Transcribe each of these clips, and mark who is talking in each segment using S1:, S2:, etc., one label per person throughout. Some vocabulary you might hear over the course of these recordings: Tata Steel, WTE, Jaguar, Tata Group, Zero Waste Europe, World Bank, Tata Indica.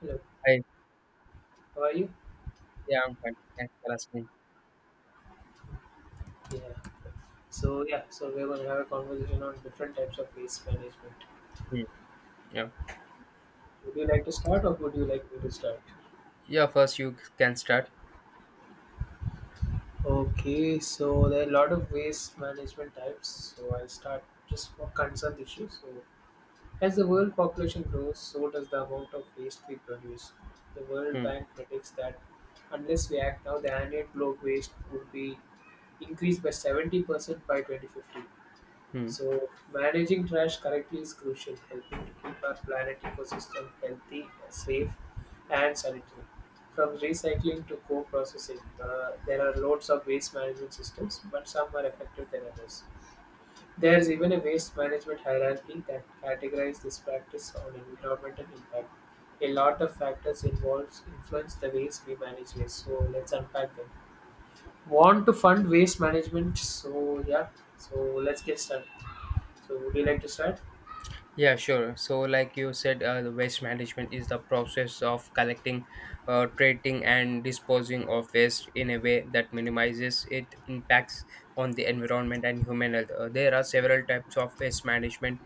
S1: Hello,
S2: Hi.
S1: how are you?
S2: Yeah, I'm fine. Thanks for asking.
S1: Yeah. So we're gonna have a conversation on different types of waste management.
S2: Hmm. Yeah.
S1: Would you like to start or would you like me to start?
S2: Yeah, first you can start.
S1: Okay, so there are a lot of waste management types. So I'll start just for concerned issues. So as the world population grows, so does the amount of waste we produce. The World
S2: Hmm.
S1: Bank predicts that unless we act now, the annual globe waste would be increased by 70% by 2050.
S2: Hmm.
S1: So, managing trash correctly is crucial, helping to keep our planet ecosystem healthy, safe, and sanitary. From recycling to co processing, there are loads of waste management systems, but some are effective than others. There is even a waste management hierarchy that categorizes this practice on environmental impact. A lot of factors involved influence the ways we manage waste, so let's unpack them. Want to fund waste management? So let's get started. So, would you like to start?
S2: Yeah, sure. So, like you said, the waste management is the process of collecting, treating, and disposing of waste in a way that minimizes its impacts on the environment and human health. There are several types of waste management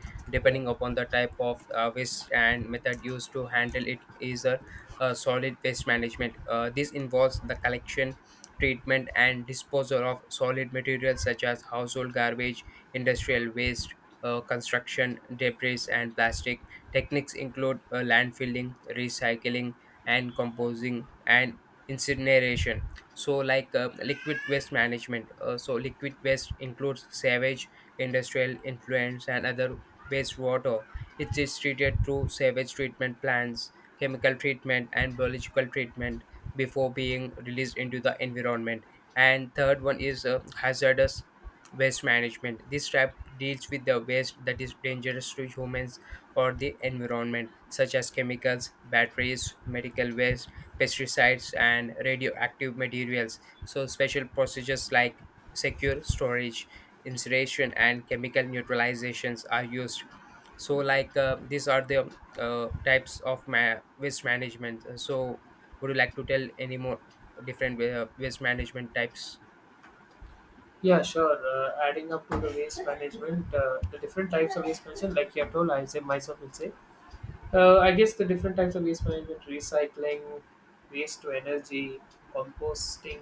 S1: Yeah.
S2: depending upon the type of waste and method used to handle it. Is a, solid waste management. This involves the collection, treatment, and disposal of solid materials such as household garbage, industrial waste, construction debris, and plastic. Techniques include landfilling, recycling, and composing, and incineration. So, like liquid waste management. So, liquid waste includes sewage, industrial influence, and other wastewater. It is treated through sewage treatment plants, chemical treatment, and biological treatment before being released into the environment. And third one is hazardous waste management. This trap deals with the waste that is dangerous to humans or the environment, such as chemicals, batteries, medical waste, pesticides, and radioactive materials. So, special procedures like secure storage, incineration, and chemical neutralizations are used. So, like these are the types of waste management. So, would you like to tell any more different waste management types?
S1: Yeah, sure. Adding up to the waste management, the different types of waste management, like you have told, I say myself will say. I guess the different types of waste management: recycling, waste to energy, composting,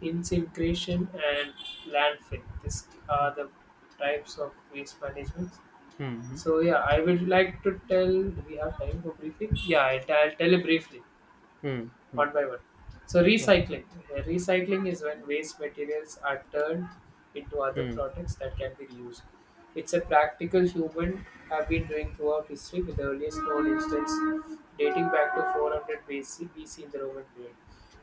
S1: incineration, and landfill. These are the types of waste management.
S2: Hmm.
S1: So yeah, I would like to tell. Do we have time for briefing? Yeah, I'll tell it briefly
S2: Hmm. Hmm.
S1: one by one. So recycling. Recycling is when waste materials are turned into other
S2: Hmm.
S1: products that can be reused. It's a practical human have been doing throughout history with the earliest known instance dating back to 400 BC, BC in the Roman period.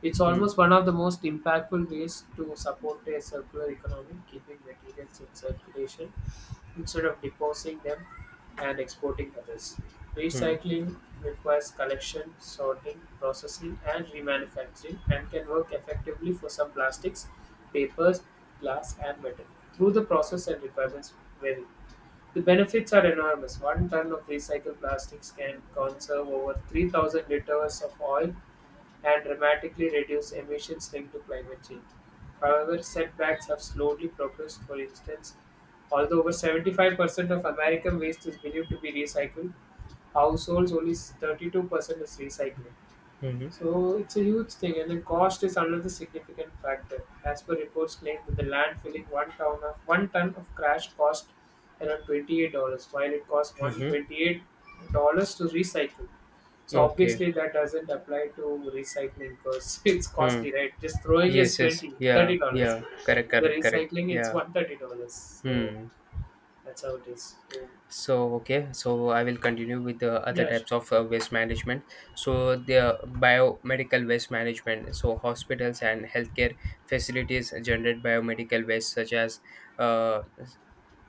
S1: It's
S2: Hmm.
S1: almost one of the most impactful ways to support a circular economy, keeping materials in circulation instead of deposing them and exporting others.
S2: Hmm.
S1: Recycling requires collection, sorting, processing, and remanufacturing and can work effectively for some plastics, papers, glass, and metal. Through the process and requirements vary. The benefits are enormous. One ton of recycled plastics can conserve over 3,000 liters of oil and dramatically reduce emissions linked to climate change. However, setbacks have slowly progressed. For instance, although over 75% of American waste is believed to be recycled, households only 32% is recycling.
S2: Mhm.
S1: So it's a huge thing, and the cost is another significant factor. As per reports claim that the land filling one ton of trash cost around $28, while it costs one hundred
S2: Mhm.
S1: twenty-eight dollars to recycle. So
S2: Okay.
S1: obviously that doesn't apply to recycling because it's
S2: Hmm.
S1: costly, right? Just throwing is
S2: Yes. Yes.
S1: 20,
S2: Yeah.
S1: $30.
S2: Yeah. Correct.
S1: The
S2: Correct. Correct.
S1: recycling it's
S2: Yeah.
S1: $130. So
S2: Hmm.
S1: that's how it is. So
S2: So okay. So I will continue with the other
S1: yeah, sure.
S2: types of waste management. So the biomedical waste management. So hospitals and healthcare facilities generate biomedical waste such as uh,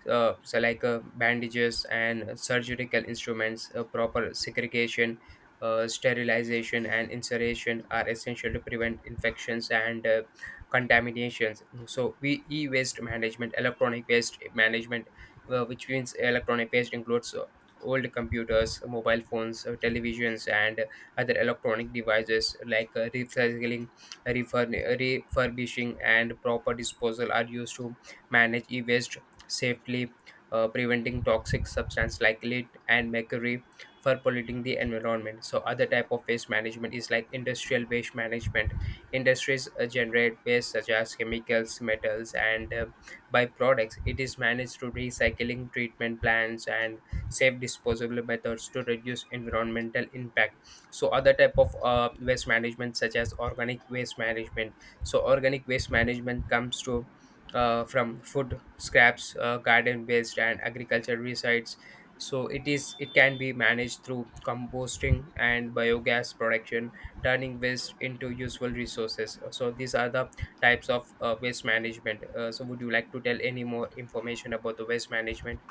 S2: bandages and surgical instruments. Proper segregation, sterilization, and insertion are essential to prevent infections and contaminations. So, we e-waste management, electronic waste management, which means electronic waste includes old computers, mobile phones, televisions, and other electronic devices. Like recycling, refurbishing, and proper disposal are used to manage e-waste safely, preventing toxic substance like lead and mercury for polluting the environment. So other type of waste management is like industrial waste management. Industries generate waste such as chemicals, metals, and byproducts. It is managed through recycling treatment plants and safe disposable methods to reduce environmental impact. So other type of waste management such as organic waste management. So organic waste management comes to from food scraps, garden waste, and agriculture resites. So it can be managed through composting and biogas production, turning waste into useful resources. So these are the types of waste management. So would you like to tell any more information about the waste management?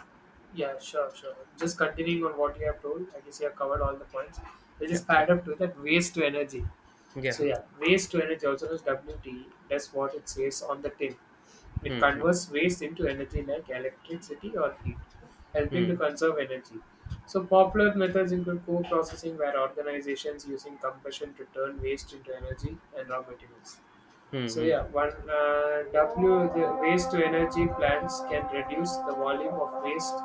S1: Yeah, sure. Just continuing on what you have told, I guess you have covered all the points. We'll
S2: Yeah.
S1: just
S2: Okay.
S1: add up to that waste to energy. So
S2: Yeah.
S1: yeah, waste to energy also known as WTE. That's what it says on the tin. It
S2: Hmm.
S1: converts waste into energy like electricity or heat, helping to
S2: Hmm.
S1: conserve energy. So popular methods include co-processing, where organizations using combustion to turn waste into energy and raw materials.
S2: Hmm.
S1: So
S2: Hmm. Hmm.
S1: yeah, one W the waste to energy plants can reduce the volume of waste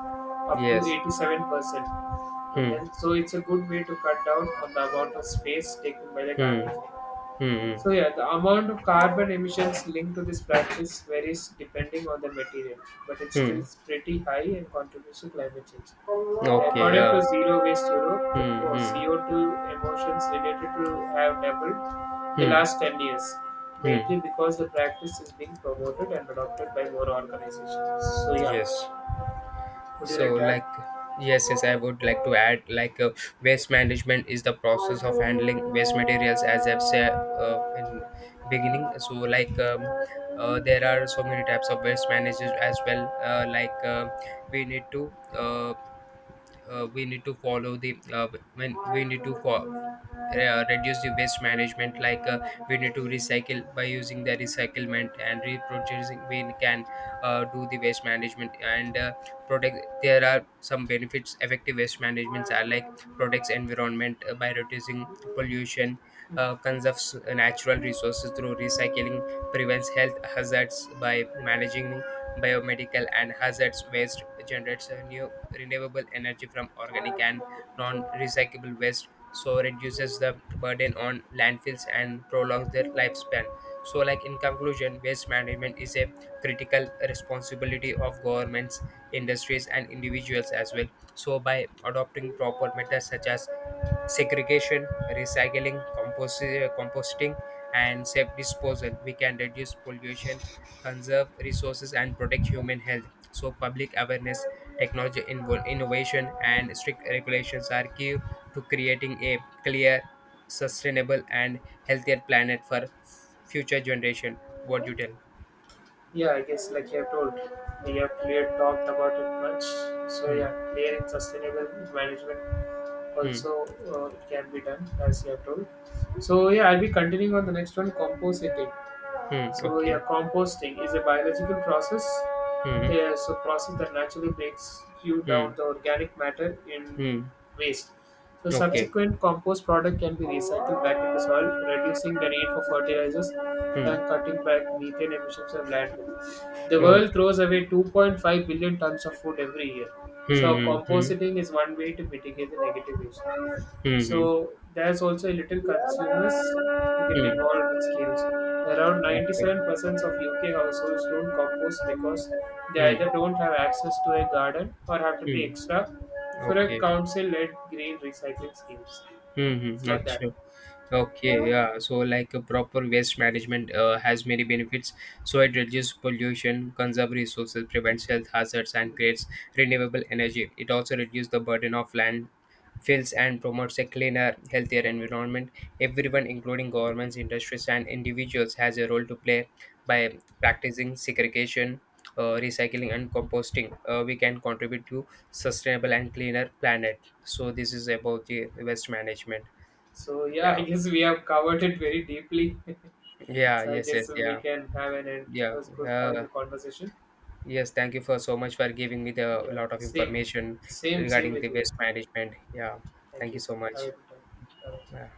S1: up to
S2: Yes.
S1: 87%. And
S2: Hmm.
S1: then so it's a good way to cut down on the amount of space taken by the
S2: Hmm.
S1: garbage.
S2: Hmm. Hmm.
S1: So yeah, the amount of carbon emissions linked to this practice varies depending on the material, but it's still
S2: Hmm.
S1: pretty high and contributes to climate change.
S2: Okay.
S1: According
S2: Yeah.
S1: to Zero Waste Europe, the
S2: Hmm. Hmm.
S1: CO2 emissions related to have doubled in the last
S2: Hmm.
S1: 10 years, mainly
S2: Hmm.
S1: because the practice is being promoted and adopted by more organizations. So yeah,
S2: Yes.
S1: would you
S2: so
S1: like to
S2: like yes, yes, I would like to add, like, waste management is the process of handling waste materials, as I've said in beginning. So like, there are so many types of waste managers as well, like, we need to uh, we need to follow the when we need to reduce the waste management. Like we need to recycle. By using the recyclement and reproducing, we can do the waste management and protect. There are some benefits effective waste management are like protects environment by reducing pollution,
S1: add?
S2: conserves natural resources through recycling, prevents health hazards by managing biomedical and hazardous waste, generates a new renewable energy from organic and non-recyclable waste, so reduces the burden on landfills and prolongs their lifespan. So like, in conclusion, waste management is a critical responsibility of governments, industries, and individuals as well. So by adopting proper methods such as segregation, recycling, composting, and safe disposal, we can reduce pollution, conserve resources, and protect human health. So, public awareness, technology innovation, and strict regulations are key to creating a clear, sustainable, and healthier planet for future generation. What you tell?
S1: Yeah, I guess like you have told, we have clear talked about it much. So yeah,
S2: Hmm.
S1: clear and sustainable management
S2: Hmm.
S1: also it can be done as you have told. So yeah, I'll be continuing on the next one, compositing.
S2: Hmm.
S1: So
S2: Okay.
S1: yeah, composting is a biological process.
S2: Hmm.
S1: Yeah, so process that naturally breaks you
S2: Hmm. Hmm.
S1: down the organic matter in
S2: Hmm.
S1: waste. So
S2: Okay.
S1: subsequent compost product can be
S2: Hmm.
S1: recycled back into soil, reducing the need for
S2: Allah.
S1: fertilizers and cutting back methane emissions from landfill. The
S2: Oh.
S1: world throws away 2.5 billion tons of food every year.
S2: Hmm.
S1: So
S2: Hmm. Hmm.
S1: compositing is one way to mitigate the negative use.
S2: Hmm.
S1: So there's also a little consumers to get involved with schemes. Around 97% of UK households don't compost because they
S2: Hmm. Hmm. Okay.
S1: either
S2: Hmm.
S1: don't have access to a garden or have to pay
S2: Hmm.
S1: extra for a
S2: Okay.
S1: council-led green recycling schemes.
S2: Hmm. Hmm.
S1: It's like that.
S2: Achha. Okay, yeah. So, like, a proper waste management has many benefits. So, it reduces pollution, conserves resources, prevents health hazards, and creates renewable energy. It also reduces the burden of land fills and promotes a cleaner, healthier environment. Everyone, including governments, industries, and individuals, has a role to play by practicing segregation, recycling, and composting. We can contribute to sustainable and cleaner planet. So, this is about the waste management.
S1: So yeah, I
S2: Yeah.
S1: guess we have covered it very deeply.
S2: Yeah,
S1: So I
S2: yes,
S1: guess
S2: yes,
S1: we
S2: yeah,
S1: can have an end. It
S2: yeah.
S1: was good having a
S2: Uh,
S1: conversation.
S2: yes, thank you for so much for giving me the
S1: Yeah,
S2: lot of
S1: same,
S2: information
S1: same
S2: regarding
S1: with
S2: the
S1: you.
S2: waste management. Yeah,
S1: Thank
S2: thank you
S1: you.
S2: so
S1: Have a
S2: much.
S1: good time.
S2: Yeah.
S1: Bye.